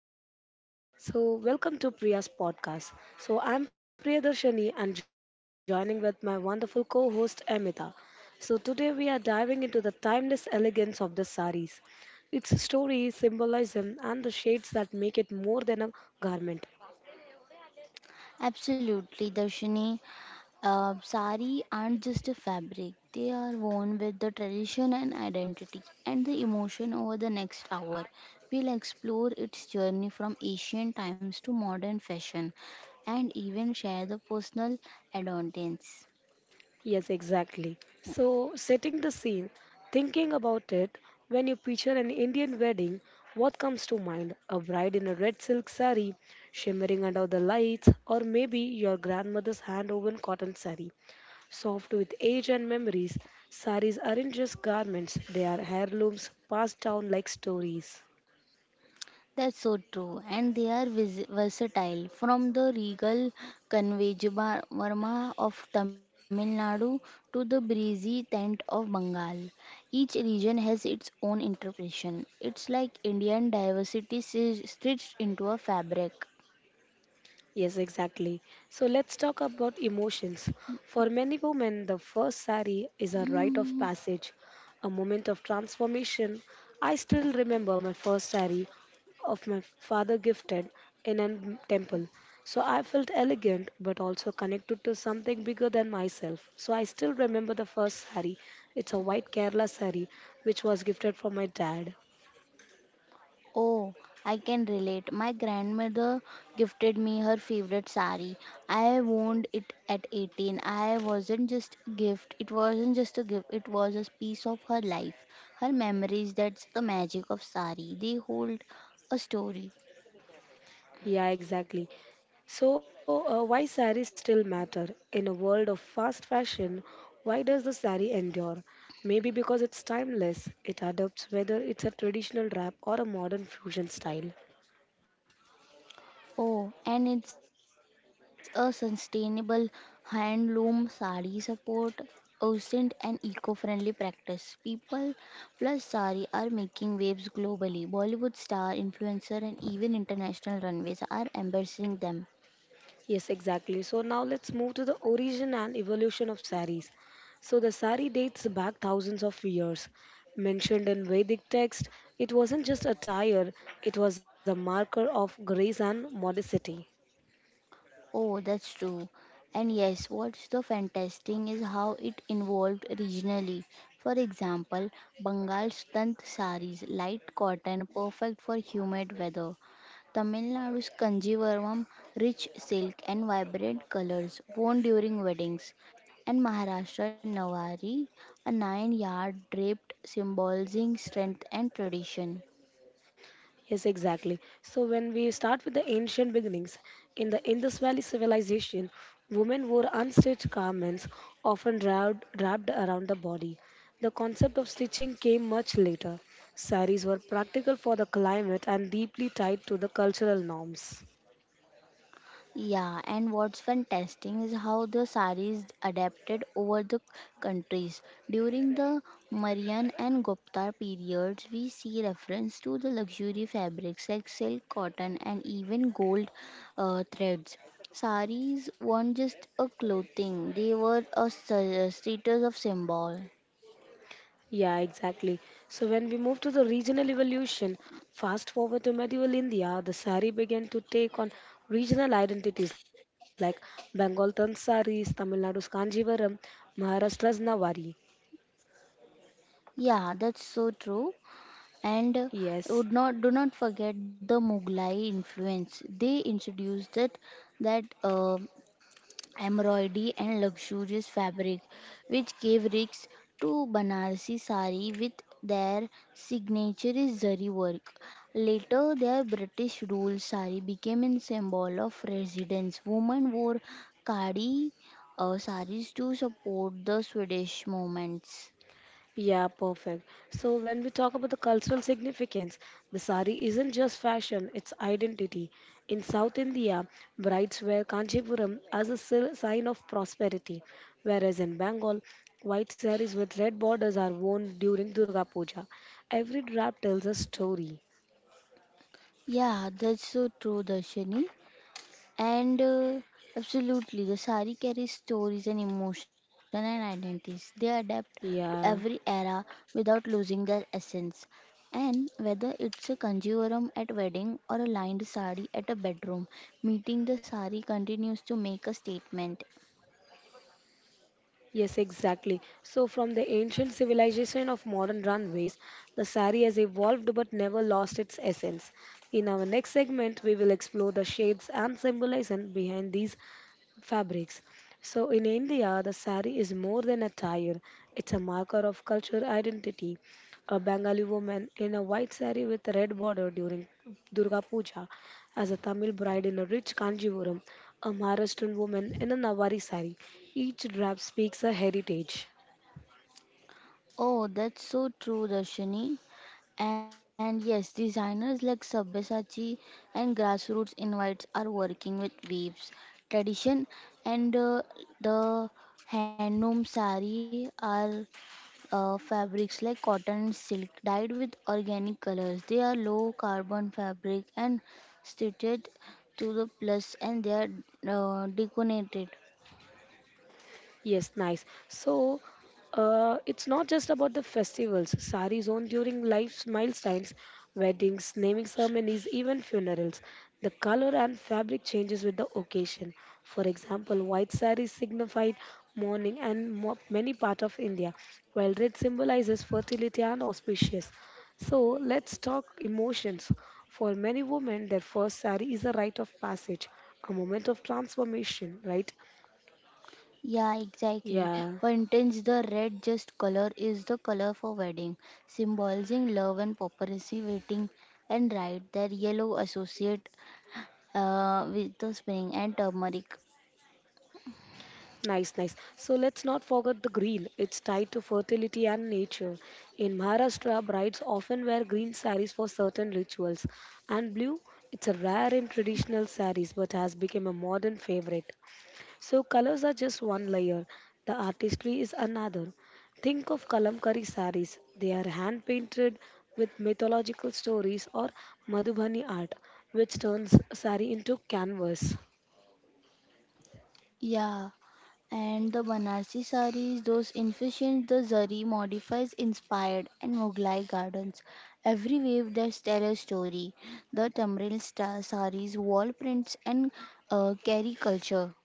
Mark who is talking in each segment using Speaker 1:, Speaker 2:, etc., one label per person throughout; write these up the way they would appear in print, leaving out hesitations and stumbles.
Speaker 1: welcome to Shades of Saris. So, welcome to Priya's podcast. So, I'm Priyadarshini and joining with my wonderful co host Amita. So, today we are diving into the timeless elegance of the saris, its story, symbolism, and the shades that make it more than a garment.
Speaker 2: Absolutely, Darshini. Sari aren't just a fabric, they are worn with the tradition and identity and the emotion over the next hour. We'll explore its journey from ancient times to modern fashion and even share the personal anecdotes.
Speaker 1: Yes, exactly. So, setting the scene, thinking about it, when you picture an Indian wedding, what comes to mind? A bride in a red silk sari, shimmering under the lights, or maybe your grandmother's hand woven cotton sari. Soft with age and memories, saris aren't just garments, they are heirlooms passed down like stories.
Speaker 2: That's so true, and they are versatile from the regal Kanvejavarma of Tamil Nadu to the breezy tent of Bengal. Each region has its own interpretation. It's like Indian diversity is stitched into a fabric.
Speaker 1: Yes, exactly. So let's talk about emotions. For many women, the first sari is a rite of
Speaker 2: Mm.
Speaker 1: passage, a moment of transformation. I still remember my first sari of my father gifted in a temple. So I felt elegant but also connected to something bigger than myself. So I still remember the first sari. It's a white Kerala sari which was gifted from my dad.
Speaker 2: Oh, I can relate. My grandmother gifted me her favorite sari. I worn it at 18. I wasn't just a gift. It wasn't just a gift. It was a piece of her life. Her memories, that's the magic of sari. They hold a story.
Speaker 1: Yeah, exactly. So, why saris still matter? In a world of fast fashion, why does the sari endure? Maybe because it's timeless. It adapts whether it's a traditional wrap or a modern fusion style.
Speaker 2: Oh, and it's a sustainable handloom sari support ancient and eco-friendly practice. People plus sari are making waves globally. Bollywood star, influencer, and even international runways are embracing them.
Speaker 1: Yes, exactly. So, now let's move to the origin and evolution of saris. So, the sari dates back thousands of years. Mentioned in Vedic text, it wasn't just attire, it was a marker of grace and modesty.
Speaker 2: Oh, that's true. And yes, what's the fantastic is how it evolved regionally. For example, Bengal's tant saris, light cotton, perfect for humid weather. Tamil Nadu's Kanjivaram, rich silk and vibrant colors, worn during weddings. And Maharashtra Nawari, a 9-yard draped symbolizing strength and tradition.
Speaker 1: Yes, exactly. So when we start with the ancient beginnings in the Indus Valley civilization, women wore unstitched garments, often wrapped around the body. The concept of stitching came much later. Saris were practical for the climate and deeply tied to the cultural norms.
Speaker 2: Yeah, and what's fantastic is how the saris adapted over the countries. During the Mauryan and Gupta periods, we see reference to the luxury fabrics like silk, cotton, and even gold threads. Saris weren't just a clothing; they were a status of symbol.
Speaker 1: Yeah, exactly. So when we move to the regional evolution, fast forward to medieval India, the sari began to take on regional identities like Bengal Tan saris, Tamil Nadu's Kanjivaram, Maharashtra's Nawari.
Speaker 2: Yeah, that's so true. And
Speaker 1: Yes.
Speaker 2: would not do not forget the Mughlai influence. They introduced it that embroidery and luxurious fabric, which gave rise to Banarsi sari with their signature zari work. Later, their British rule sari became a symbol of residence. Women wore kadi saris to support the Swedish movements.
Speaker 1: Yeah, perfect. So when we talk about the cultural significance, the sari isn't just fashion, it's identity. In South India, brides wear Kanchipuram as a sign of prosperity, whereas in Bengal, white saris with red borders are worn during Durga Puja. Every drab tells a story.
Speaker 2: Yeah, that's so true, Darshani. And absolutely, the sari carries stories and emotion and identities. They adapt to every
Speaker 1: Yeah.
Speaker 2: era without losing their essence. And whether it's a conjurum at wedding or a lined sari at a bedroom, meeting the sari continues to make a statement.
Speaker 1: Yes, exactly. So, from the ancient civilization of modern runways, the sari has evolved but never lost its essence. In our next segment, we will explore the shades and symbolism behind these fabrics. So in India, the sari is more than attire; it's a marker of cultural identity. A Bengali woman in a white sari with a red border during Durga Puja, as a Tamil bride in a rich Kanjivuram, a Maharashtrian woman in a Nawari sari. Each drab speaks a heritage.
Speaker 2: Oh, that's so true, Darshini. And yes, designers like Sabyasachi and Grassroots Invites are working with weaves, tradition, and the handloom sari are fabrics like cotton and silk dyed with organic colors. They are low carbon fabric and stitched to the plus, and they are deconated.
Speaker 1: Yes, nice. So, it's not just about the festivals. Saris on during life's milestones, weddings, naming ceremonies, even funerals. The color and fabric changes with the occasion. For example, white saris signified mourning and many parts of India, while red symbolizes fertility and auspicious. So let's talk emotions. For many women, their first sari is a rite of passage, a moment of transformation, right?
Speaker 2: Yeah, exactly.
Speaker 1: Yeah.
Speaker 2: For instance, the red just color is the color for wedding, symbolizing love and property, waiting and right. That yellow associate with the spring and turmeric.
Speaker 1: Nice, nice. So let's not forget the green. It's tied to fertility and nature. In Maharashtra, brides often wear green saris for certain rituals, and blue, it's a rare in traditional saris but has become a modern favorite. So colors are just one layer, the artistry is another. Think of Kalamkari saris. They are hand painted with mythological stories or Madhubani art, which turns sari into canvas.
Speaker 2: Yeah, and the Banarsi saris, those infusions, the zari modifies inspired and Mughlai gardens. Every wave that tell a story. The Tamil star saris, wall prints and carry culture.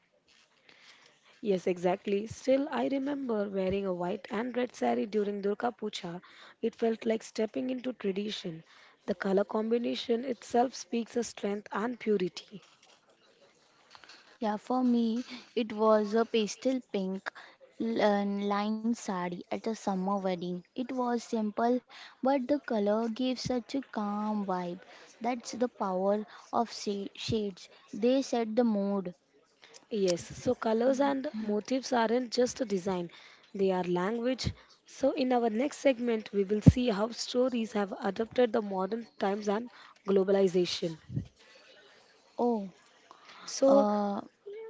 Speaker 1: Yes, exactly. Still, I remember wearing a white and red sari during Durga Puja. It felt like stepping into tradition. The color combination itself speaks of strength and purity.
Speaker 2: Yeah, for me, it was a pastel pink and lined sari at a summer wedding. It was simple, but the color gave such a calm vibe. That's the power of shades. They set the mood.
Speaker 1: Yes, so
Speaker 2: Sec-
Speaker 1: colors and motifs aren't just a design, they are language. So, in our next segment, we will see how stories have adapted the modern times and globalization.
Speaker 2: Oh,
Speaker 1: So,
Speaker 2: uh,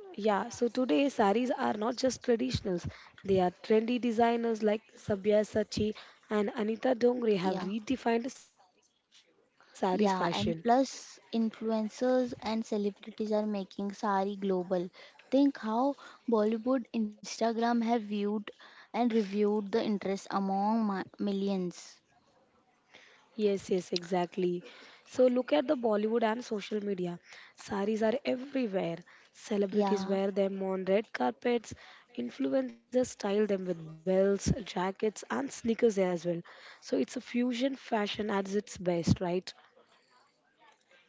Speaker 1: yeah, so today saris are not just traditionals. They are trendy designers like Sabya Sachi and Anita Dongre have
Speaker 2: yeah.
Speaker 1: redefined saris fashion.
Speaker 2: Yeah, and plus influencers and celebrities are making sari global. Think how Bollywood, Instagram have viewed and reviewed the interest among millions.
Speaker 1: Yes, yes, exactly. So look at the Bollywood and social media. Saris are everywhere. Celebrities wear
Speaker 2: Yeah,
Speaker 1: them on red carpets. Influencers style them with belts, jackets, and sneakers as well. So it's a fusion fashion at its best, right?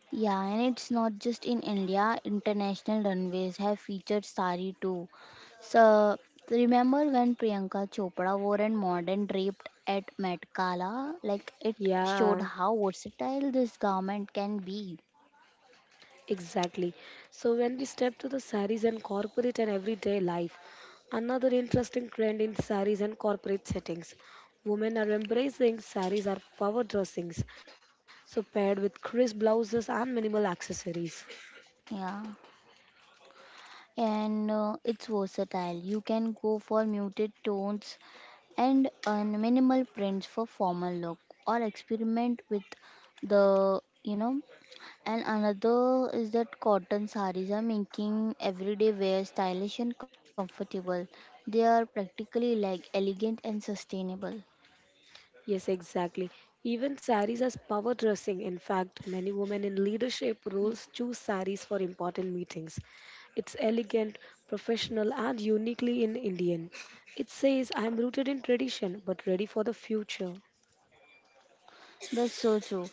Speaker 2: yeah, and it's not just in India. International runways have featured sari too. So remember when Priyanka Chopra wore a modern draped at Met Gala? Like it showed
Speaker 1: Yeah.
Speaker 2: how versatile this garment can be.
Speaker 1: Exactly. So when we step to the saris and corporate and everyday life, another interesting trend in saris and corporate settings. Women are embracing saris are power dressings, so paired with crisp blouses and minimal accessories.
Speaker 2: Yeah, and it's versatile. You can go for muted tones and minimal prints for formal look, or experiment with the, you know, and another is that cotton saris are making everyday wear stylish and comfortable. They are practically like elegant and sustainable.
Speaker 1: Yes, exactly. Even saris as power dressing. In fact, many women in leadership roles choose saris for important meetings. It's elegant, professional, and uniquely in Indian. It says, I am rooted in tradition but ready for the future.
Speaker 2: That's so true.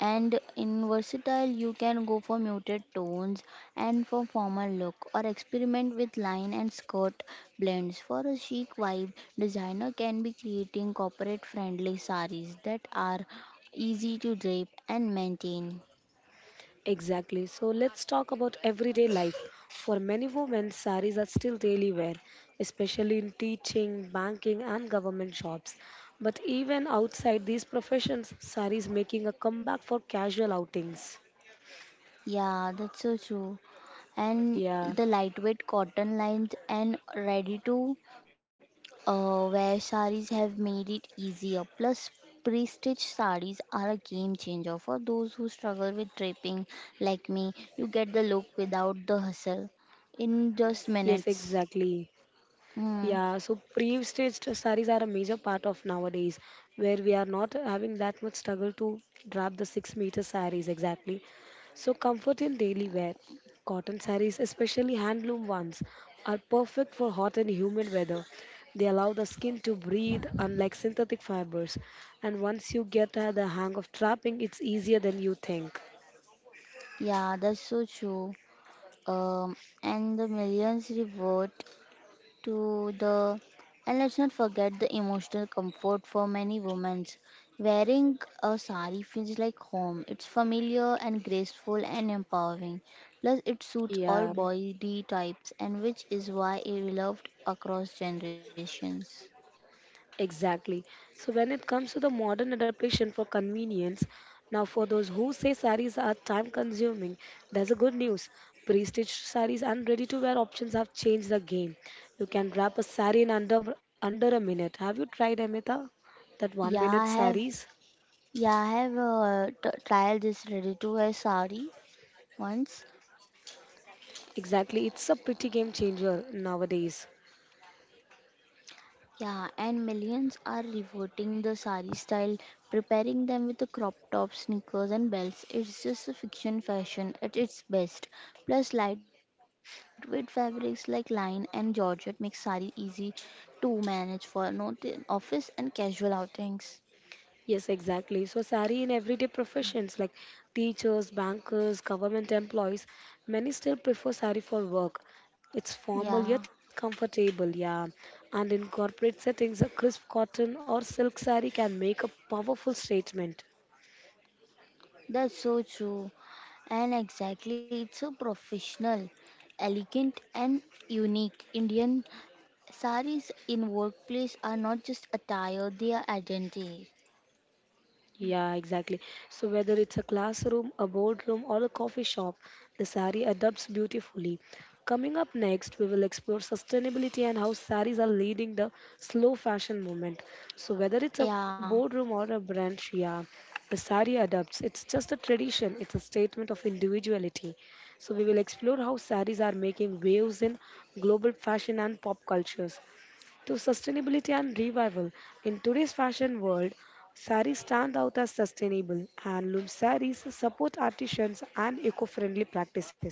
Speaker 2: And in versatile, you can go for muted tones and for formal look, or experiment with line and skirt blends. For a chic vibe, designer can be creating corporate-friendly saris that are easy to drape and maintain.
Speaker 1: Exactly. So let's talk about everyday life. For many women, saris are still daily wear, especially in teaching, banking, and government jobs. But even outside these professions, saris making a comeback for casual outings.
Speaker 2: Yeah, that's so true. And
Speaker 1: Yeah.
Speaker 2: the lightweight cotton lines and ready to where saris have made it easier. Plus, pre-stitched saris are a game changer for those who struggle with draping, like me. You get the look without the hustle in just
Speaker 1: Yes,
Speaker 2: minutes.
Speaker 1: exactly.
Speaker 2: Hmm.
Speaker 1: Yeah, so pre-stitched sarees are a major part of nowadays, where we are not having that much struggle to drape the 6 meter sarees exactly. So comfort in daily wear, cotton sarees, especially handloom ones, are perfect for hot and humid weather. They allow the skin to breathe, unlike synthetic fibers. And once you get the hang of trapping, it's easier than you think.
Speaker 2: Yeah, that's so true. Um, and the millions reward to the and let's not forget the emotional comfort for many women. Wearing a sari feels like home. It's familiar and graceful and empowering. Plus, it suits all
Speaker 1: Yeah.
Speaker 2: body types, and which is why it loved across generations.
Speaker 1: Exactly. So when it comes to the modern adaptation for convenience, now for those who say saris are time consuming, there's a good news. Pre-stitched saris and ready-to-wear options have changed the game. You can wrap a sari in under a minute. Have you tried Amita? That one
Speaker 2: Yeah, I
Speaker 1: minute
Speaker 2: have
Speaker 1: saris?
Speaker 2: yeah, I have tried this ready to wear sari once.
Speaker 1: Exactly. It's a pretty game changer nowadays.
Speaker 2: Yeah, and millions are reverting the sari style, preparing them with the crop tops, sneakers, and belts. It's just a fiction fashion at its best. Plus, lightweight fabrics like line and georgette make sari easy to manage for not office and casual outings.
Speaker 1: Yes, exactly. So, sari in everyday professions like teachers, bankers, government employees, many still prefer sari for work. It's formal yet
Speaker 2: Yeah,
Speaker 1: comfortable, yeah. And in corporate settings, a crisp cotton or silk sari can make a powerful statement.
Speaker 2: that's so true. And exactly, it's a professional, elegant, and unique Indian saris in workplace are not just attire, they are identity.
Speaker 1: Yeah, exactly. So whether it's a classroom, a boardroom, or a coffee shop, the sari adapts beautifully. Coming up next, we will explore sustainability and how saris are leading the slow fashion movement. So whether it's a boardroom
Speaker 2: Yeah,
Speaker 1: or a branch, yeah, a sari adapts. It's just a tradition. It's a statement of individuality. So we will explore how saris are making waves in global fashion and pop cultures to sustainability and revival. In today's fashion world, saris stand out as sustainable. And Handloom saris support artisans and eco-friendly practices.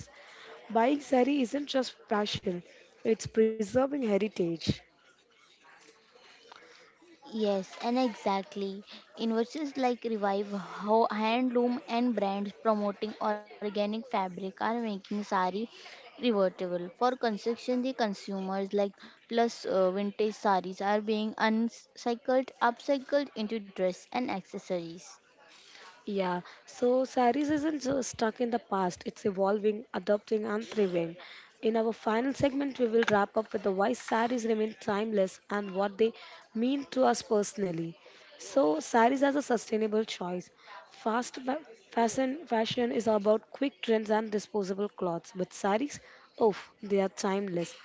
Speaker 1: Buying sari isn't just fashion, it's preserving heritage.
Speaker 2: yes, and exactly. Inversions like Revive, how handloom and brands promoting organic fabric are making sari revertible. For construction, the consumers like plus vintage saris are being uncycled, upcycled into dress and accessories.
Speaker 1: Yeah, so saris isn't just stuck in the past, it's evolving, adapting, and thriving. In our final segment, we will wrap up with the why saris remain timeless and what they mean to us personally. So, saris as a sustainable choice. Fast fa- fashion, fashion is about quick trends and disposable clothes, but saris, oh, they are timeless.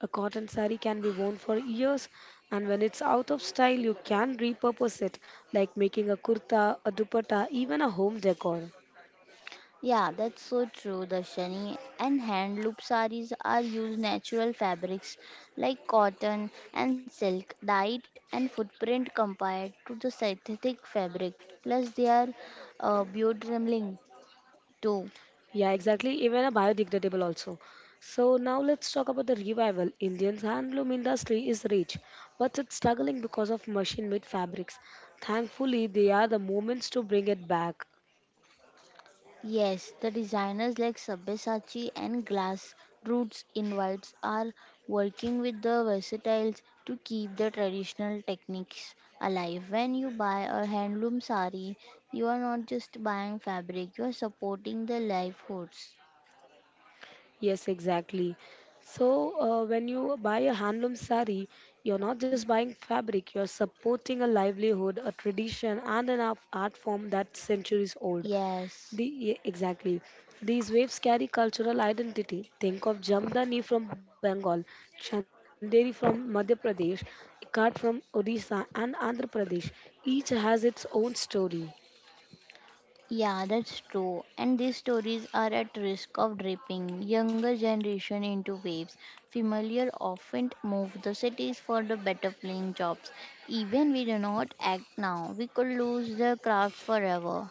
Speaker 1: A cotton sari can be worn for years, and when it's out of style, you can repurpose it, like making a kurta, a dupatta, even a home decor.
Speaker 2: Yeah, that's so true, Darshani. And hand loop saris are used natural fabrics like cotton and silk, dyed and footprint compared to the synthetic fabric. Plus, they are beautiful too.
Speaker 1: Yeah, exactly, even a biodegradable also. So now let's talk about the revival. Indian's handloom industry is rich, but it's struggling because of machine-made fabrics. Thankfully, they are the moments to bring it back.
Speaker 2: Yes, the designers like Sabyasachi and Glass Roots Invites are working with the versatiles to keep the traditional techniques alive. When you buy a handloom sari, you are not just buying fabric, you are supporting the livelihoods.
Speaker 1: Yes, exactly. So, when you buy a handloom sari, you're not just buying fabric, you're supporting a livelihood, a tradition, and an art form that's centuries old.
Speaker 2: Yes.
Speaker 1: Exactly. These waves carry cultural identity. Think of Jamdani from Bengal, Chanderi from Madhya Pradesh, Ikat from Odisha, and Andhra Pradesh. Each has its own story.
Speaker 2: Yeah, that's true. And these stories are at risk of dripping younger generation into waves. Familiar often move the cities for the better paying jobs. Even we do not act now, we could lose the craft forever.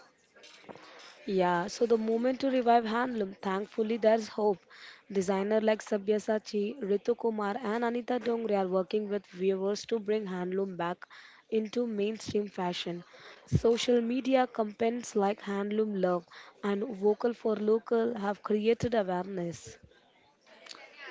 Speaker 1: Yeah, so the movement to revive handloom, thankfully there's hope. Designer like Sabyasachi, Ritu Kumar and Anita Dongre are working with viewers to bring handloom back into mainstream fashion. Social media campaigns like Handloom Love and Vocal for Local have created awareness.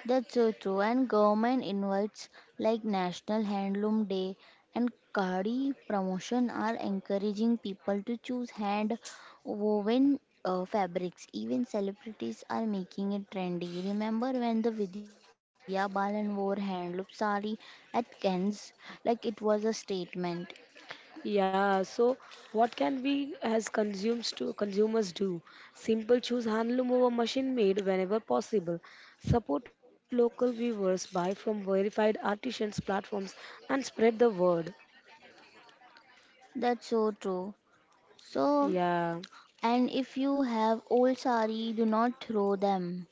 Speaker 2: That's so true. And government invites like National Handloom Day and Khadi promotion are encouraging people to choose hand woven fabrics. Even celebrities are making it trendy. Remember when the Vidya Balan wore handloom sari at Cannes? Like, it was a statement.
Speaker 1: Yeah, so what can we as consumers do? Simple choose handloom over machine made whenever possible. Support local weavers, buy from verified artisans platforms and spread the word.
Speaker 2: That's so true. So,
Speaker 1: Yeah.
Speaker 2: and if you have old sari, do not throw them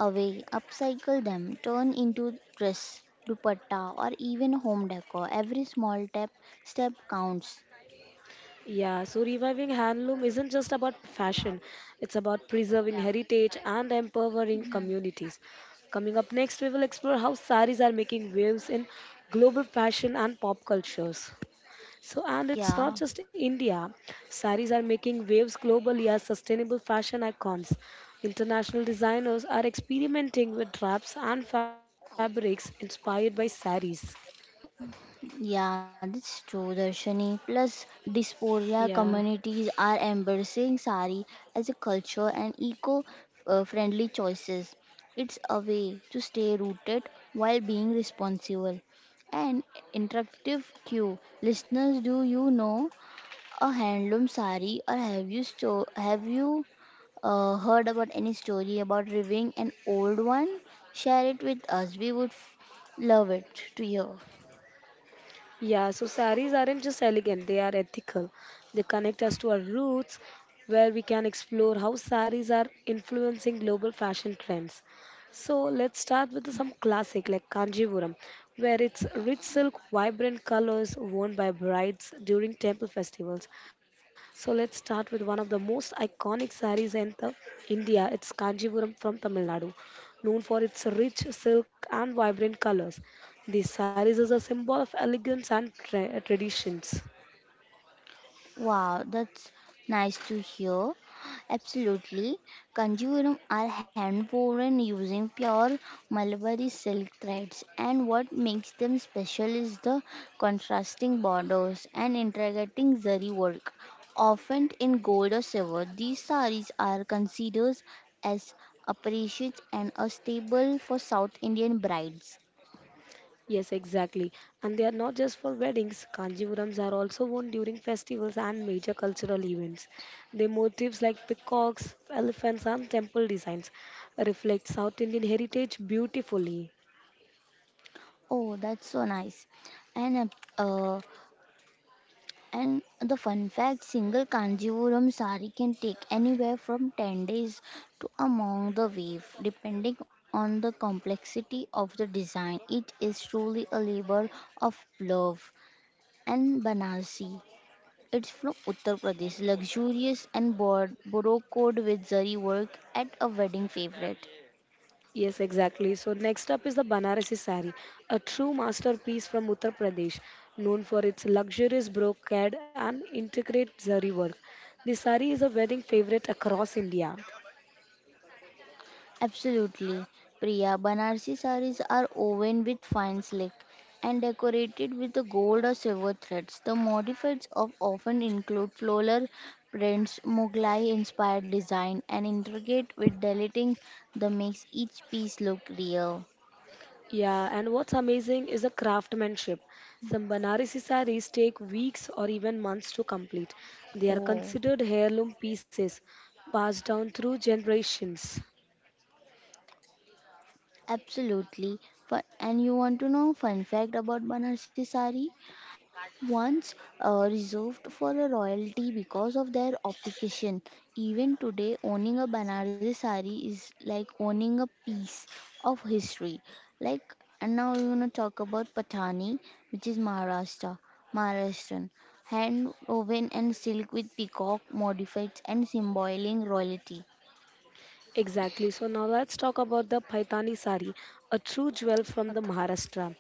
Speaker 2: away, upcycle them, turn into dress, dupatta, or even home decor. Every small step counts.
Speaker 1: Yeah, so reviving handloom isn't just about fashion. It's about preserving heritage and empowering communities. Coming up next, we will explore how saris are making waves in global fashion and pop cultures. So, and it's
Speaker 2: Yeah,
Speaker 1: not just India. Saris are making waves globally as sustainable fashion icons. International designers are experimenting with wraps and fabrics inspired by saris.
Speaker 2: yeah, that's true, Darshani. Plus, dysphoria
Speaker 1: Yeah.
Speaker 2: communities are embracing sari as a culture and eco-friendly choices. It's a way to stay rooted while being responsible. An interactive cue. Listeners, do you know a handloom sari, or have you heard about any story about reviving an old one? Share it with us. We would love it to hear.
Speaker 1: Yeah, so saris aren't just elegant, they are ethical. They connect us to our roots, where we can explore how saris are influencing global fashion trends. So let's start with some classic like Kanjivuram, where it's rich silk, vibrant colors worn by brides during temple festivals. So let's start with one of the most iconic saris in the India. It's Kanjivuram from Tamil Nadu, known for its rich silk and vibrant colors. The saris is a symbol of elegance and traditions.
Speaker 2: Wow, that's nice to hear. Absolutely. Kanjivaram are hand woven using pure Malabar silk threads, and what makes them special is the contrasting borders and integrating zari work, often in gold or silver. These saris are considered as appreciated and a staple for South Indian brides.
Speaker 1: Yes, exactly. And they are not just for weddings. Kanjivarams are also worn during festivals and major cultural events. Their motifs like peacocks, elephants, and temple designs reflect South Indian heritage beautifully.
Speaker 2: Oh, that's so nice. And uh, And the fun fact single Kanjivaram sari can take anywhere from 10 days to a month the weave, depending on the complexity of the design. It is truly a labor of love. And Banarsi, it's from Uttar Pradesh, luxurious and borrowed with zari work at a wedding favorite.
Speaker 1: Yes, exactly. So next up is the Banarasi sari, a true masterpiece from Uttar Pradesh, known for its luxurious brocade and intricate zari work. The sari is a wedding favorite across India.
Speaker 2: Absolutely, Priya. Banarsi saris are woven with fine silk and decorated with the gold or silver threads. The modifieds of often include floral prints, Mughlai-inspired design, and intricate with deleting that makes each piece look real.
Speaker 1: Yeah, and what's amazing is the craftsmanship. Some Banarasi saris take weeks or even months to complete. They are
Speaker 2: Oh,
Speaker 1: considered heirloom pieces passed down through generations.
Speaker 2: absolutely. And you want to know fun fact about Banarsi sari? Once reserved for a royalty because of their occupation. Even today, owning a Banaras sari is like owning a piece of history. Like, and now we're gonna talk about Patani, which is Maharashtra, Maharashtrian hand woven and silk with peacock modified and symboling royalty.
Speaker 1: Exactly. So now let's talk about the Paithani sari, a true jewel from the Maharashtra,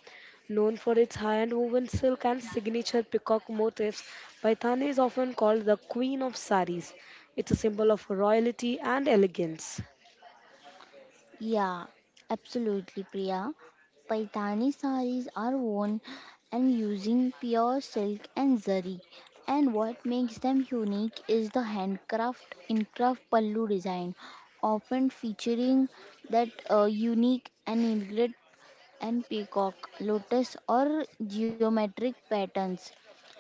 Speaker 1: known for its high-end woven silk and signature peacock motifs. Paithani is often called the queen of saris. It's a symbol of royalty and elegance.
Speaker 2: Yeah, absolutely, Priya. Paitani saris are worn and using pure silk and zari. And what makes them unique is the handcraft incraft pallu design, often featuring that unique and eaglet and peacock, lotus or geometric patterns.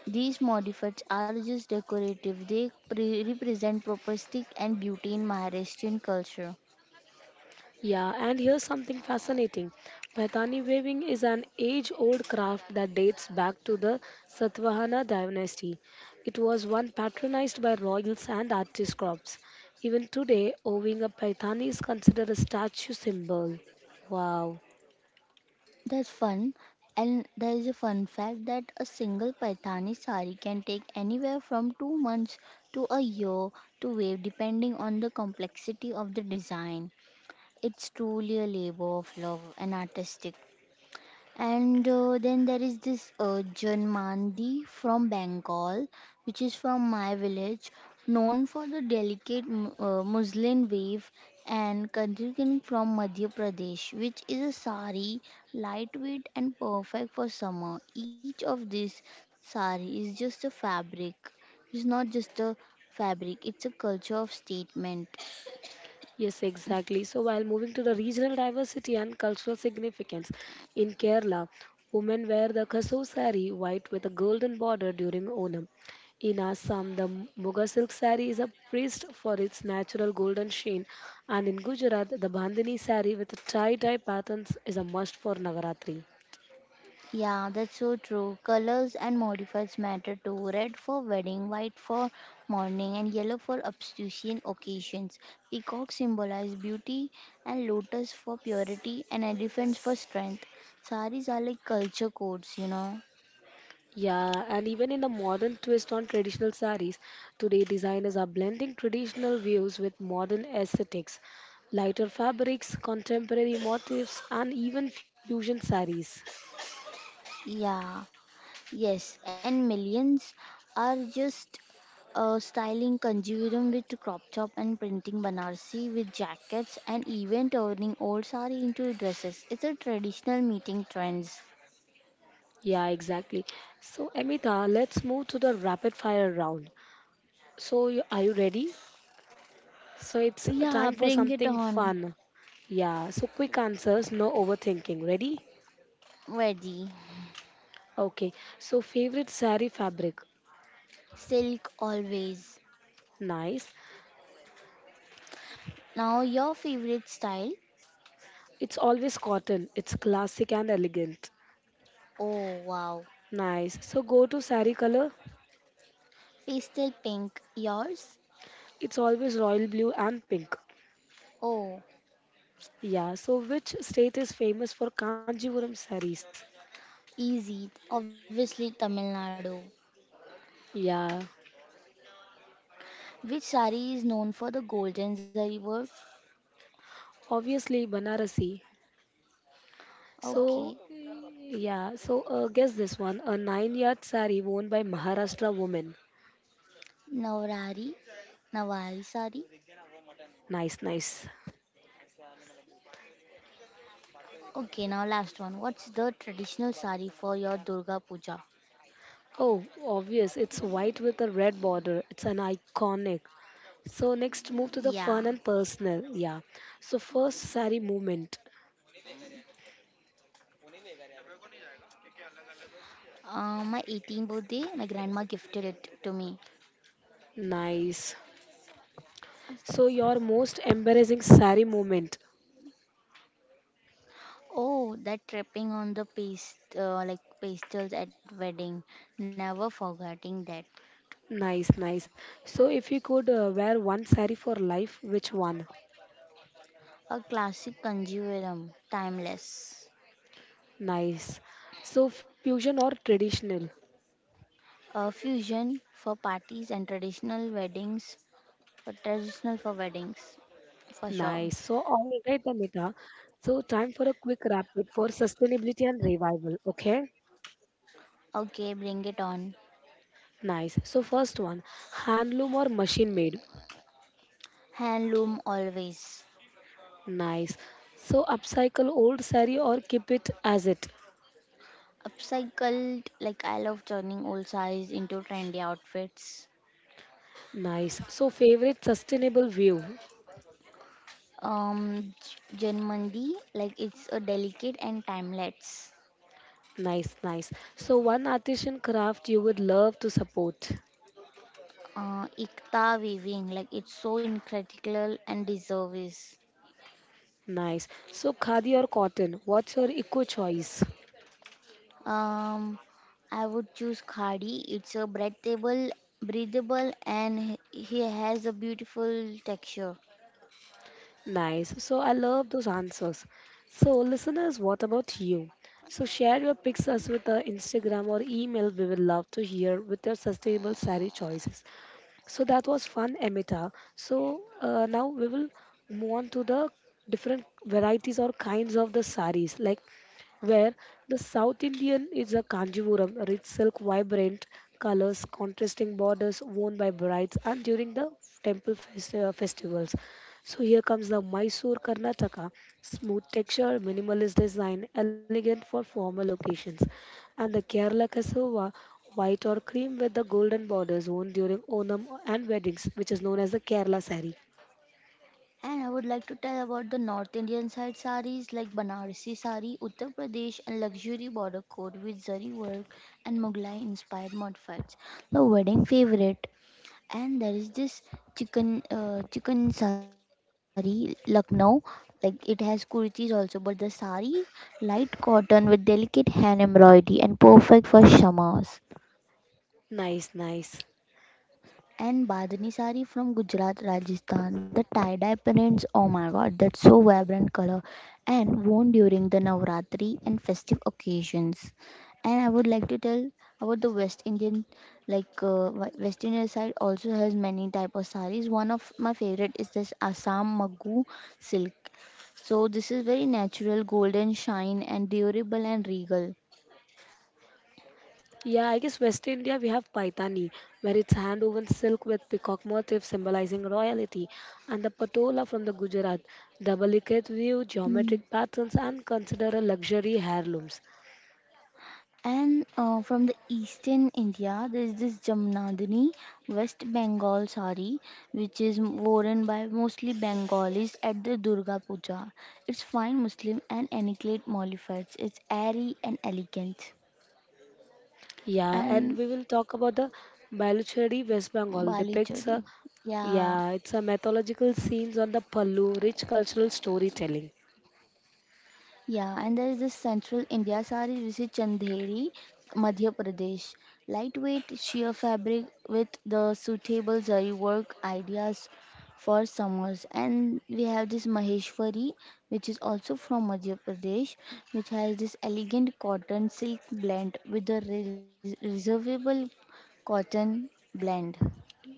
Speaker 2: These modifieds are just decorative. They represent property and beauty in Maharashtrian culture.
Speaker 1: Yeah, and here's something fascinating. Paithani weaving is an age old craft that dates back to the Satvahana dynasty. It was one patronized by royals and aristocrats. Even today, owing a Paithani is considered a statue symbol. Wow.
Speaker 2: That's fun. And there is a fun fact that a single Paithani sari can take anywhere from 2 months to a year to weave, depending on the complexity of the design. It's truly a labor of love and artistic. And Then there is this Janmandi from Bengal, which is from my village, known for the delicate muslin weave, and Kandirkan from Madhya Pradesh, which is a sari, lightweight and perfect for summer. Each of these sari is just a fabric. It's not just a fabric, it's a culture of statement.
Speaker 1: Yes, exactly. So while moving to the regional diversity and cultural significance in Kerala, women wear the kaso sari, white with a golden border during Onam. In Assam, the Muga silk sari is a praised for its natural golden sheen, and in Gujarat, the Bandhani sari with tie-dye patterns is a must for Navaratri.
Speaker 2: Yeah, that's so true. Colors and modifiers matter too. Red for wedding, white for mourning, and yellow for obstetrician occasions. Peacock symbolize beauty, and lotus for purity, and elephants for strength. Saris are like culture codes.
Speaker 1: Yeah, and even in a modern twist on traditional saris, today designers are blending traditional views with modern aesthetics, lighter fabrics, contemporary motifs, and even fusion saris.
Speaker 2: Yeah, yes, and millions are just styling conjurum with crop top and printing Banarsi with jackets and even turning old sari into dresses. It's a traditional meeting trends.
Speaker 1: Yeah, exactly. So, Amita, let's move to the rapid fire round. So, are you ready? So, it's
Speaker 2: Yeah,
Speaker 1: time for
Speaker 2: bring it
Speaker 1: something
Speaker 2: on.
Speaker 1: fun. Yeah, so quick answers, no overthinking. Ready?
Speaker 2: Ready,
Speaker 1: Okay, so favorite sari fabric?
Speaker 2: silk always.
Speaker 1: Nice.
Speaker 2: Now your favorite style?
Speaker 1: It's always cotton. It's classic and elegant.
Speaker 2: Oh wow,
Speaker 1: Nice. So go to sari color.
Speaker 2: pastel pink. Yours?
Speaker 1: It's always royal blue and pink.
Speaker 2: Oh,
Speaker 1: Yeah. So which state is famous for Kanjivaram saris?
Speaker 2: easy. Obviously Tamil Nadu.
Speaker 1: Yeah.
Speaker 2: Which sari is known for the golden zari work?
Speaker 1: Obviously Banarasi.
Speaker 2: Okay,
Speaker 1: So yeah. So guess this one. A nine-yard sari worn by Maharashtra woman.
Speaker 2: Navrari, Nawari sari.
Speaker 1: Nice, nice.
Speaker 2: Okay, now last one. What's the traditional sari for your Durga Puja?
Speaker 1: Oh, obvious. It's white with a red border. It's an iconic. So next move
Speaker 2: Yeah,
Speaker 1: to the fun and personal. Yeah. So first sari movement.
Speaker 2: my 18th birthday, my grandma gifted it to me.
Speaker 1: Nice. So your most embarrassing sari moment.
Speaker 2: Oh, that tripping on the paste, like pastels at wedding. Never forgetting that.
Speaker 1: Nice, nice. So if you could wear one sari for life, which one?
Speaker 2: A classic conjurum, timeless.
Speaker 1: Nice. So fusion or traditional?
Speaker 2: A fusion for parties and traditional weddings, for traditional for weddings, for sure.
Speaker 1: Nice. So all right, Amita. So time for a quick rapid for sustainability and revival. Okay.
Speaker 2: Okay, bring it on.
Speaker 1: Nice. So first one, handloom or machine made?
Speaker 2: Handloom always.
Speaker 1: Nice. So upcycle old sari or keep it as it.
Speaker 2: Upcycled, like I love turning old sarees into trendy outfits.
Speaker 1: Nice. So favorite sustainable view.
Speaker 2: Um, J- Janmandi, like it's a delicate and timeless.
Speaker 1: Nice, nice. So one artisan craft you would love to support.
Speaker 2: Ikta weaving, like it's so incredible and deserves.
Speaker 1: Nice. So khadi or cotton, what's your eco choice?
Speaker 2: Um, I would choose Khadi. It's a breathable, and he has a beautiful texture.
Speaker 1: Nice. So I love those answers. So listeners, what about you? So share your pics us with our Instagram or email. We will love to hear with your sustainable sari choices. So that was fun, Amita. So now we will move on to the different varieties or kinds of the saris, like where the South Indian is a kanjivaram, rich silk, vibrant colors, contrasting borders worn by brides and during the festivals. So here comes the Mysore Karnataka, smooth texture, minimalist design, elegant for formal occasions and the Kerala cassava, white or cream with the golden borders worn during Onam and weddings, which is known as the Kerala sari.
Speaker 2: And I would like to tell about the North Indian side saris like Banarsi sari, Uttar Pradesh, and luxury border coat with zari work and Mughlai-inspired mud. The wedding favorite. And there is this chicken sari Lucknow, like it has kurtis also but the sari, light cotton with delicate hand embroidery and perfect for shamas.
Speaker 1: Nice, nice.
Speaker 2: And Badani sari from Gujarat, Rajasthan. The tie-dye prints, oh my god, that's so vibrant color and worn during the Navratri and festive occasions. And I would like to tell about the West Indian, like West Indian side also has many type of saris. One of my favorite is this Assam Magu silk. So this is very natural, golden shine and durable and regal.
Speaker 1: Yeah, I guess West India we have Paitani, where it's hand woven silk with peacock motif symbolizing royalty, and the Patola from the Gujarat, the delicate view,
Speaker 2: Hmm.
Speaker 1: geometric patterns, and considered a luxury heirlooms.
Speaker 2: And from the eastern India, there is this Jamnadani West Bengal sari, which is worn by mostly Bengalis at the Durga Puja. It's fine Muslim and ethnically modified. It's airy and elegant.
Speaker 1: Yeah, and
Speaker 2: And
Speaker 1: we will talk about the Baluchari West Bengal
Speaker 2: Bali
Speaker 1: depicts
Speaker 2: chori.
Speaker 1: a
Speaker 2: Yeah.
Speaker 1: yeah, it's a mythological scenes on the Pallu, rich cultural storytelling.
Speaker 2: Yeah, and there is this central India saree which is Chandheri, Madhya Pradesh. Lightweight sheer fabric with the suitable zari work ideas for summers. And we have this Maheshwari, which is also from Madhya Pradesh, which has this elegant cotton silk blend with the reservable cotton blend.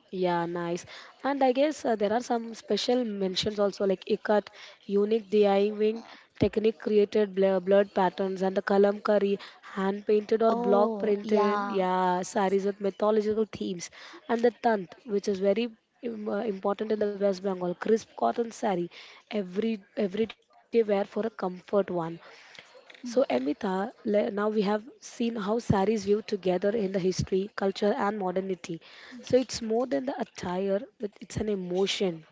Speaker 1: Yeah, nice. And I guess there are some special mentions also like ikat, unique DIYing technique created blurred patterns and the kalamkari, hand painted or block
Speaker 2: Oh,
Speaker 1: printed,
Speaker 2: yeah.
Speaker 1: yeah, saris with mythological themes. And the tant, which is very important in the West Bengal, crisp cotton sari, everyday wear for a comfort one. So, Amita, now we have seen how saris view together in the history, culture, and modernity. So, it's more than the attire, it's an emotion.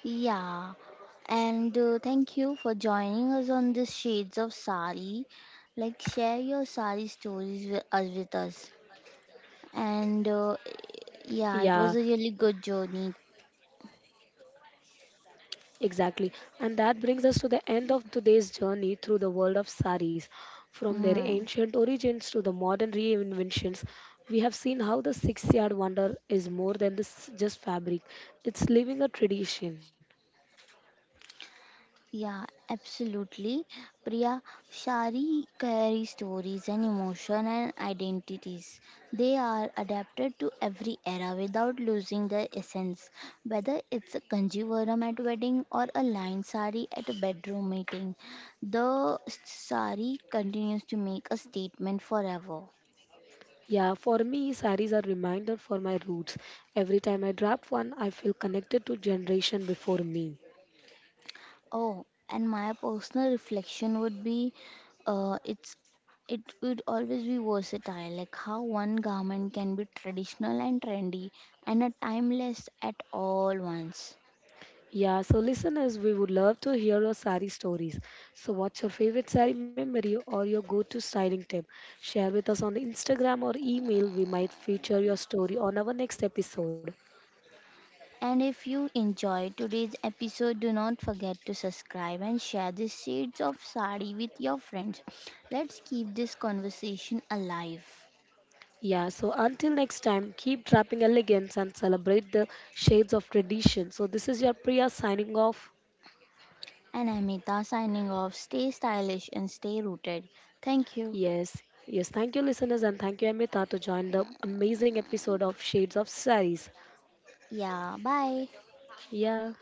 Speaker 2: Yeah, and thank you for joining us on this Shades of Sari. Like, share your Sari stories with us. With us. And
Speaker 1: Yeah,
Speaker 2: yeah, it was a really good journey.
Speaker 1: exactly. And that brings us to the end of today's journey through the world of saris. From their ancient
Speaker 2: Mm.
Speaker 1: origins to the modern reinventions, we have seen how the 6-yard wonder is more than this, just fabric, it's living a tradition.
Speaker 2: Yeah, absolutely. Priya, Shari carry stories and emotion and identities. They are adapted to every era without losing their essence. Whether it's a kanjivaram at wedding or a line sari at a bedroom meeting, the sari continues to make a statement forever.
Speaker 1: Yeah, for me, saris are reminder for my roots. Every time I drop one, I feel connected to generation before me.
Speaker 2: Oh, and my personal reflection would be, uh, it's it would always be versatile, like how one garment can be traditional and trendy and a timeless at all once.
Speaker 1: Yeah, so listeners, we would love to hear your sari stories. So, what's your favorite sari memory or your go-to styling tip? Share with us on the Instagram or email. We might feature your story on our next episode.
Speaker 2: And if you enjoyed today's episode, do not forget to subscribe and share these shades of sari with your friends. Let's keep this conversation alive.
Speaker 1: Yeah, so until next time, keep dropping elegance and celebrate the shades of tradition. So, this is your Priya signing off.
Speaker 2: And Amita signing off. Stay stylish and stay rooted. Thank you.
Speaker 1: Yes, yes. Thank you, listeners, and thank you, Amrita, to join the amazing episode of Shades of Saris.
Speaker 2: Yeah, bye.
Speaker 1: Yeah,